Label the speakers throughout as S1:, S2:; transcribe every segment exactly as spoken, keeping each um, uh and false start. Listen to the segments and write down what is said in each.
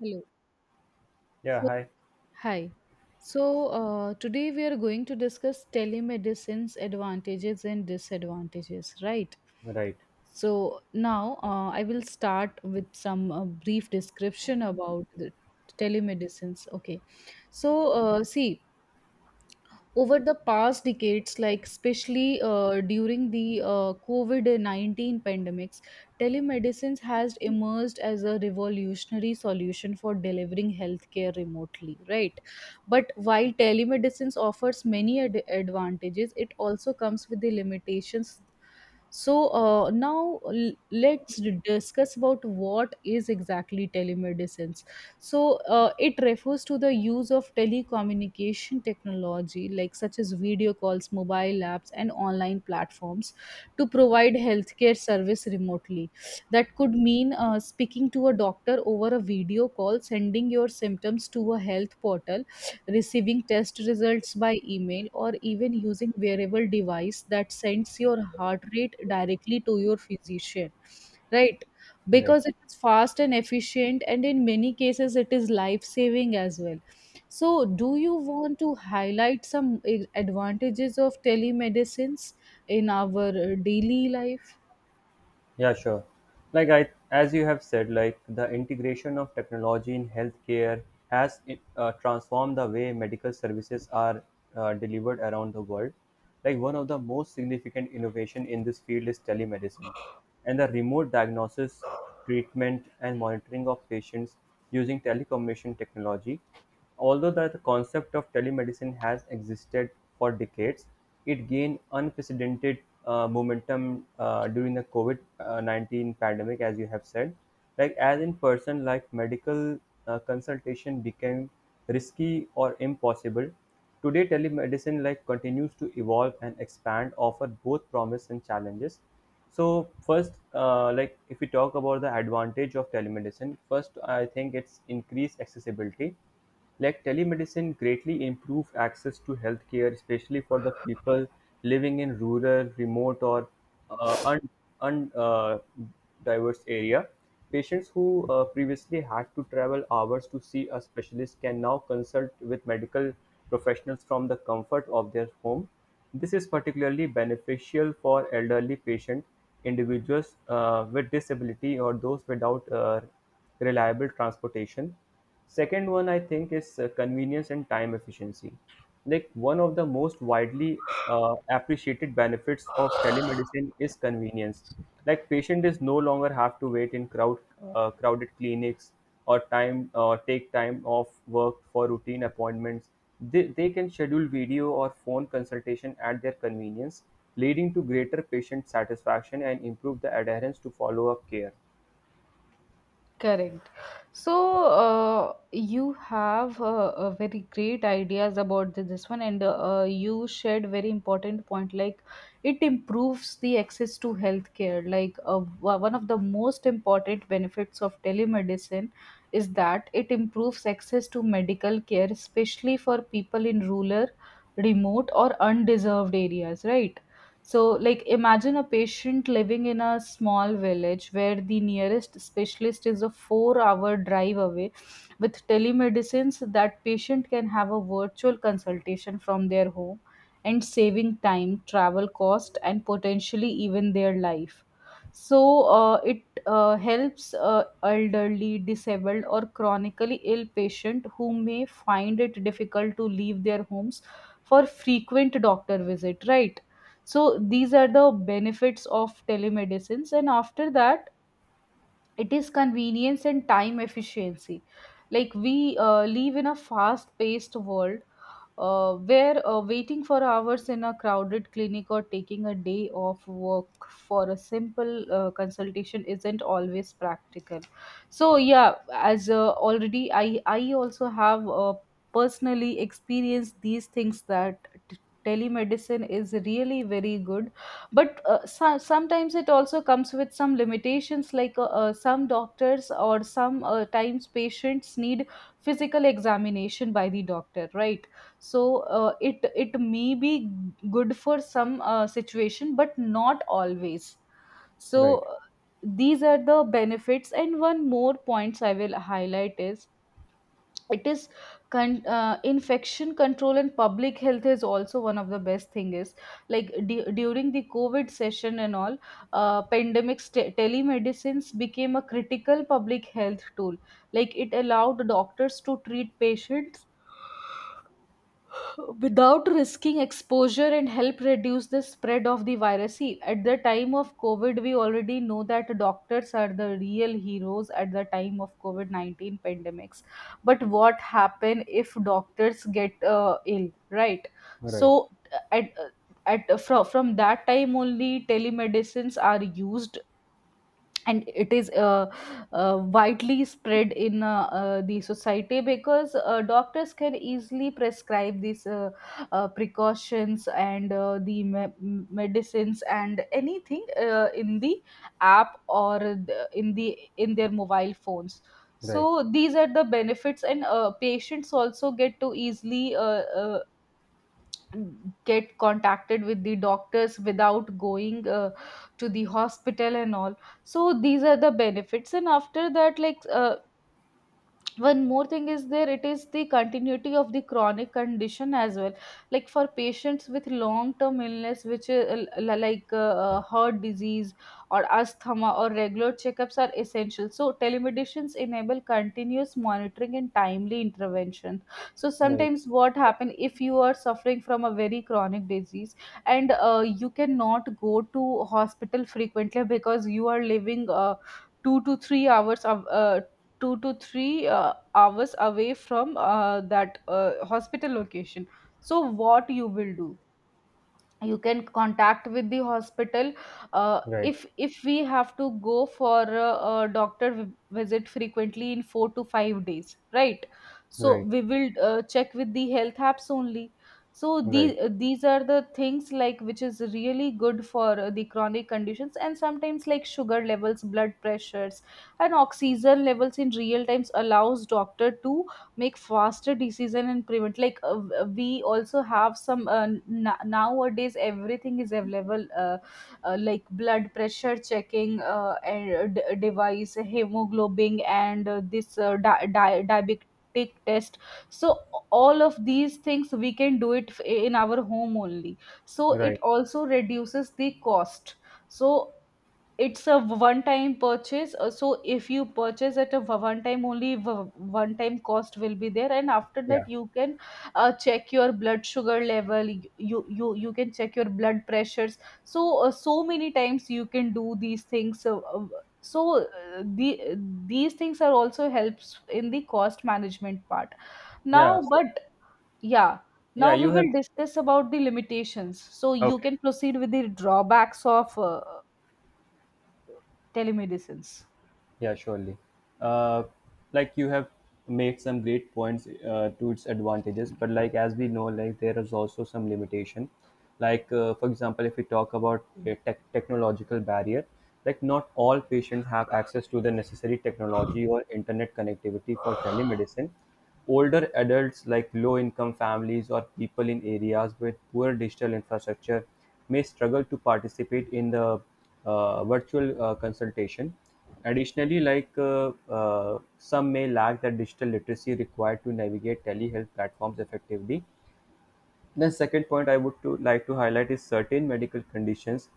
S1: Hello.
S2: Yeah,
S1: So,
S2: hi.
S1: hi. So, uh, today we are going to discuss telemedicine's advantages and disadvantages, right?
S2: Right,
S1: So, now uh, I will start with some uh, brief description about the telemedicines. Okay. So, uh, see, over the past decades, like especially uh, during the uh, covid nineteen pandemics, telemedicine has emerged as a revolutionary solution for delivering healthcare remotely, right? But while telemedicine offers many ad- advantages, it also comes with the limitations. So uh, now l- let's discuss about what is exactly telemedicine. So uh, it refers to the use of telecommunication technology, like such as video calls, mobile apps, and online platforms, to provide healthcare service remotely. That could mean uh, speaking to a doctor over a video call, sending your symptoms to a health portal, receiving test results by email, or even using wearable device that sends your heart rate directly to your physician, right?
S2: right.
S1: Because it is fast and efficient, and in many cases, it is life saving as well. So, do you want to highlight some eh, advantages of telemedicines in our eh, daily life?
S2: Yeah, sure. Like I, as you have said, like the integration of technology in healthcare has uh, transformed the way medical services are uh, delivered around the world. Like one of the most significant innovation in this field is telemedicine, and the remote diagnosis, treatment, and monitoring of patients using telecommunication technology. Although the concept of telemedicine has existed for decades, it gained unprecedented uh, momentum uh, during the COVID uh, nineteen pandemic, as you have said. Like, as in person, like medical uh, consultation became risky or impossible. Today, telemedicine like continues to evolve and expand, offer both promise and challenges. So first, uh, like if we talk about the advantage of telemedicine, first I think it's increased accessibility. Like telemedicine greatly improved access to healthcare, especially for the people living in rural, remote, or uh, un, un, uh, diverse area. Patients who uh, previously had to travel hours to see a specialist can now consult with medical professionals from the comfort of their home. This is particularly beneficial for elderly patients, individuals uh, with disability, or those without uh, reliable transportation. Second one I think is uh, convenience and time efficiency. Like one of the most widely uh, appreciated benefits of telemedicine is convenience. Like patient is no longer have to wait in crowd uh, crowded clinics or time or take time off work for routine appointments. They, they can schedule video or phone consultation at their convenience, leading to greater patient satisfaction and improve the adherence to follow up care.
S1: Correct. So uh, you have uh, a very great ideas about th- this one, and uh, you shared very important point. Like it improves the access to healthcare. Like uh, wa- one of the most important benefits of telemedicine is that it improves access to medical care, especially for people in rural, remote, or undeserved areas. Right. So, like, imagine a patient living in a small village where the nearest specialist is a four hour drive away. With telemedicines, that patient can have a virtual consultation from their home and saving time, travel cost, and potentially even their life. So, uh, it uh, helps uh, elderly, disabled, or chronically ill patient who may find it difficult to leave their homes for frequent doctor visit, right? So these are the benefits of telemedicines. And after that, it is convenience and time efficiency. Like we uh, live in a fast paced world uh, where uh, waiting for hours in a crowded clinic or taking a day off work for a simple uh, consultation isn't always practical. So yeah, as uh, already I I also have uh, personally experienced these things, that t- telemedicine is really very good, but uh, so- sometimes it also comes with some limitations, like uh, uh, some doctors or some uh, times patients need physical examination by the doctor, right? So uh, it it may be good for some uh, situation but not always. So
S2: right
S1: uh, these are the benefits, and one more points I will highlight is it is con- uh, infection control and public health is also one of the best thing is, like du- during the covid session and all uh, pandemics, te- telemedicines became a critical public health tool. Like it allowed doctors to treat patients without risking exposure and help reduce the spread of the virus. See, at the time of COVID, we already know that doctors are the real heroes at the time of COVID nineteen pandemics. But what happen if doctors get uh, ill, right?
S2: right
S1: So, at at from from that time only, telemedicines are used, and it is uh, uh, widely spread in uh, uh, the society, because uh, doctors can easily prescribe these uh, uh, precautions and uh, the me- m- medicines and anything uh, in the app, or the, in the in their mobile phones.
S2: right
S1: So these are the benefits, and uh, patients also get to easily uh, uh, get contacted with the doctors without going uh, to the hospital and all. So these are the benefits, and after that, like uh, one more thing is there, it is the continuity of the chronic condition as well. Like for patients with long term illness, which is uh, l- like uh, uh, heart disease or asthma, or regular checkups are essential, so telemedicines enable continuous monitoring and timely intervention. So
S2: right
S1: sometimes what happen if you are suffering from a very chronic disease and uh, you cannot go to hospital frequently because you are living uh, two to three hours of uh, two to three uh, hours away from uh, that uh, hospital location. So what you will do? You can contact with the hospital. Uh,
S2: right
S1: if if we have to go for a, a doctor vi- visit frequently in four to five days, right? So
S2: right
S1: we will uh, check with the health apps only. So
S2: Right,
S1: these these are the things, like, which is really good for uh, the chronic conditions. And sometimes, like, sugar levels, blood pressures, and oxygen levels in real times allows doctor to make faster decision and prevent, like, uh, we also have some uh, n- nowadays everything is available uh, uh, like blood pressure checking uh, and uh, d- device, hemoglobin, and uh, this uh, di- di- diabetic test. So all of these things we can do it f- in our home only. So it
S2: right.
S1: also reduces the cost. So it's a one time purchase. uh, So if you purchase at a one time only, one time cost will be there, and after
S2: Yeah,
S1: that you can uh, check your blood sugar level. You you you can check your blood pressures. So uh, so many times you can do these things. So, uh, so uh, the these things are also helps in the cost management part.
S2: yeah.
S1: Now,
S2: So,
S1: but yeah.
S2: yeah,
S1: Now we
S2: you have.
S1: will discuss about the limitations. So you
S2: Okay.
S1: can proceed with the drawbacks of uh, telemedicines.
S2: Yeah, surely. Uh, like you have made some great points uh, to its advantages, but like as we know, like there is also some limitation. Like uh, for example, if we talk about a tech technological barrier, like not all patients have access to the necessary technology or internet connectivity for telemedicine. Older adults, like low-income families or people in areas with poor digital infrastructure, may struggle to participate in the uh, virtual uh, consultation. Additionally, like uh, uh, some may lack the digital literacy required to navigate telehealth platforms effectively. The second point I would to like to highlight is certain medical conditions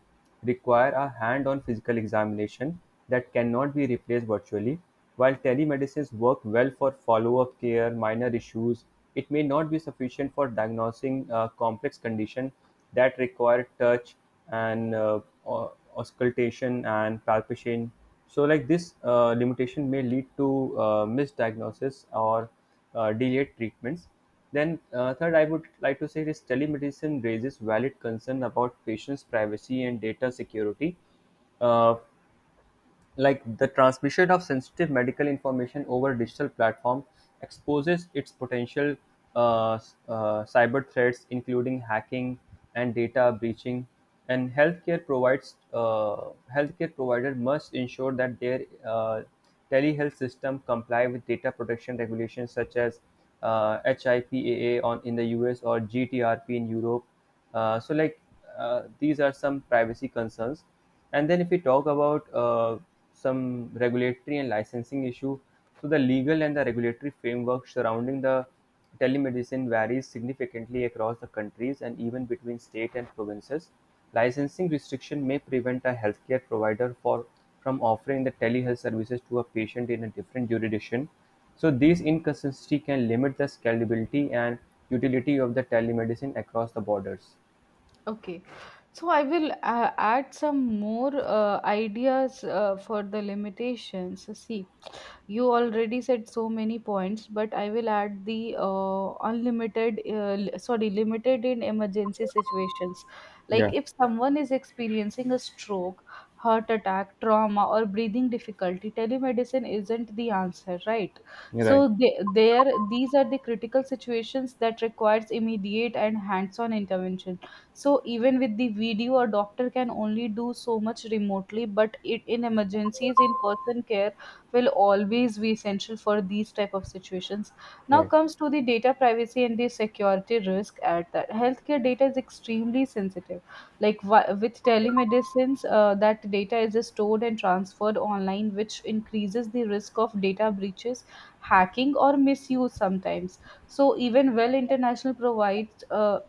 S2: require a hand-on physical examination that cannot be replaced virtually. While telemedicines work well for follow-up care, minor issues, it may not be sufficient for diagnosing uh, complex conditions that require touch and uh, au- auscultation and palpation. So, like this uh, limitation may lead to uh, misdiagnosis or uh, delayed treatments. Then, uh, third, I would like to say this telemedicine raises valid concern about patients' privacy and data security. Uh, like the transmission of sensitive medical information over digital platform exposes its potential uh, s- uh, cyber threats including hacking and data breaching. And healthcare provides uh, healthcare provider must ensure that their uh, telehealth system comply with data protection regulations such as uh, HIPAA on in the U S or G T R P in Europe. uh, so like uh, these are some privacy concerns. And then if we talk about uh, some regulatory and licensing issue, so the legal and the regulatory framework surrounding the telemedicine varies significantly across the countries and even between state and provinces. Licensing restriction may prevent a healthcare provider for from offering the telehealth services to a patient in a different jurisdiction, so these inconsistencies can limit the scalability and utility of the telemedicine across the borders.
S1: Okay, so I will uh, add some more uh, ideas uh, for the limitations. So see, you already said so many points, but I will add the uh, unlimited uh, li- sorry limited in emergency situations, like
S2: Yeah,
S1: if someone is experiencing a stroke, heart attack, trauma, or breathing difficulty, telemedicine isn't the answer, right?
S2: right,
S1: So they, there these are the critical situations that requires immediate and hands-on intervention. So even with the video a doctor can only do so much remotely, but it, in emergencies, in person care will always be essential for these type of situations. Now
S2: right,
S1: comes to the data privacy and the security risk at that, healthcare data is extremely sensitive. Like wi- with telemedicines, uh, that data is stored and transferred online, which increases the risk of data breaches, hacking, or misuse sometimes. So even well international provides uh,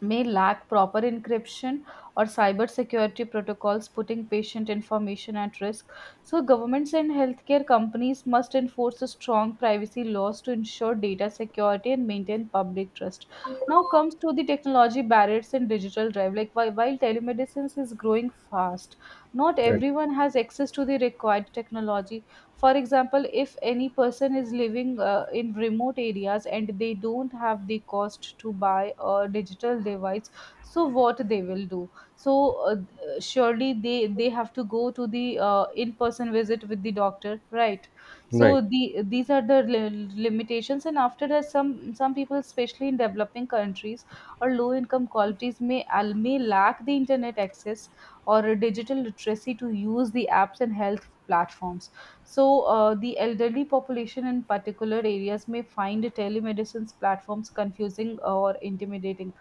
S1: may lack proper encryption or cyber security protocols, putting patient information at risk. So, governments and healthcare companies must enforce a strong privacy laws to ensure data security and maintain public trust. Now comes to the technology barriers and digital drive. Like while, while telemedicine is growing fast, not
S2: right,
S1: everyone has access to the required technology. For example, if any person is living uh, in remote areas and they don't have the cost to buy a digital device, so what they will do? So uh, surely they they have to go to the uh, in person visit with the doctor, right? So
S2: right,
S1: the these are the li- limitations, and after that, some some people, especially in developing countries or low income qualities, may al- may lack the internet access or a digital literacy to use the apps and health platforms. So, uh, the elderly population in particular areas may find telemedicine's platforms confusing or intimidating.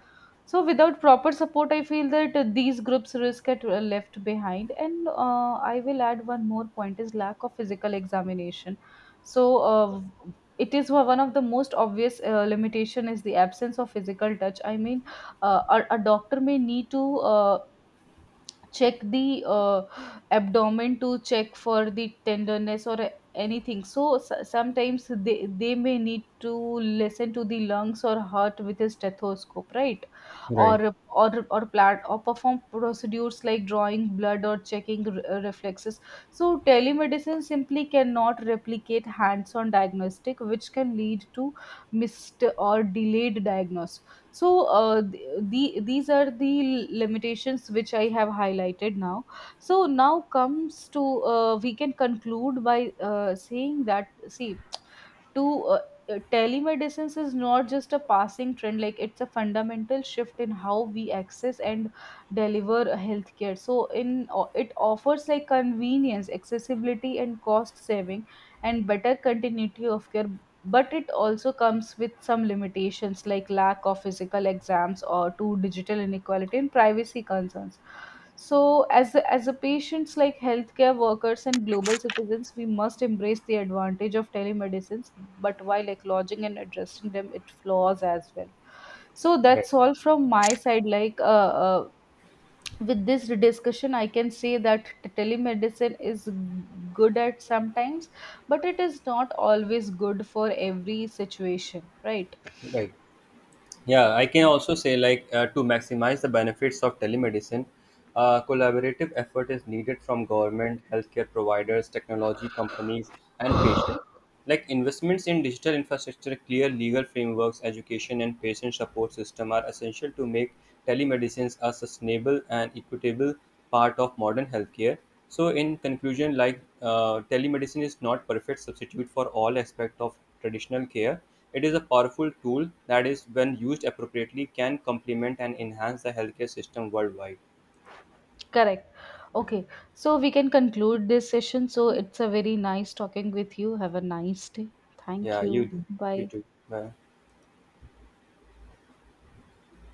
S1: So, without proper support, I feel that uh, these groups risk get uh, left behind. And uh, I will add one more point: is lack of physical examination. So, uh, it is one of the most obvious uh, limitation is the absence of physical touch. I mean, uh, a, a doctor may need to uh, check the uh, abdomen to check for the tenderness or anything. So s- sometimes they, they may need to listen to the lungs or heart with a stethoscope, right?
S2: right,
S1: Or or or plat or perform procedures like drawing blood or checking re- uh, reflexes. So telemedicine simply cannot replicate hands on diagnostic, which can lead to missed or delayed diagnosis. So uh, th- the, these are the limitations which I have highlighted now. So now comes to, uh, we can conclude by uh, saying that, see, to uh, uh, telemedicines is not just a passing trend, like it's a fundamental shift in how we access and deliver healthcare. So in o- it offers like convenience, accessibility, and cost saving, and better continuity of care. But it also comes with some limitations, like lack of physical exams or to digital inequality and privacy concerns. So as a, as a patients, like healthcare workers and global citizens, we must embrace the advantage of telemedicines, but while acknowledging and addressing them it flaws as well. So
S2: right.
S1: that's all from my side, like uh, uh, with this discussion I can say that t- telemedicine is good at sometimes, but it is not always good for every situation, right?
S2: right. Yeah, I can also say like uh, to maximize the benefits of telemedicine, uh, collaborative effort is needed from government, healthcare providers, technology companies, and patients. Like investments in digital infrastructure, clear legal frameworks, education, and patient support system are essential to make telemedicine a sustainable and equitable part of modern healthcare. So, in conclusion, like uh, telemedicine is not perfect substitute for all aspect of traditional care. It is a powerful tool that is, when used appropriately, can complement and enhance the healthcare system worldwide.
S1: Correct. Okay, so we can conclude this session. So it's a very nice talking with you. Have a nice day. Thank
S2: Yeah,
S1: you.
S2: you do. You
S1: Bye.
S2: too. Bye.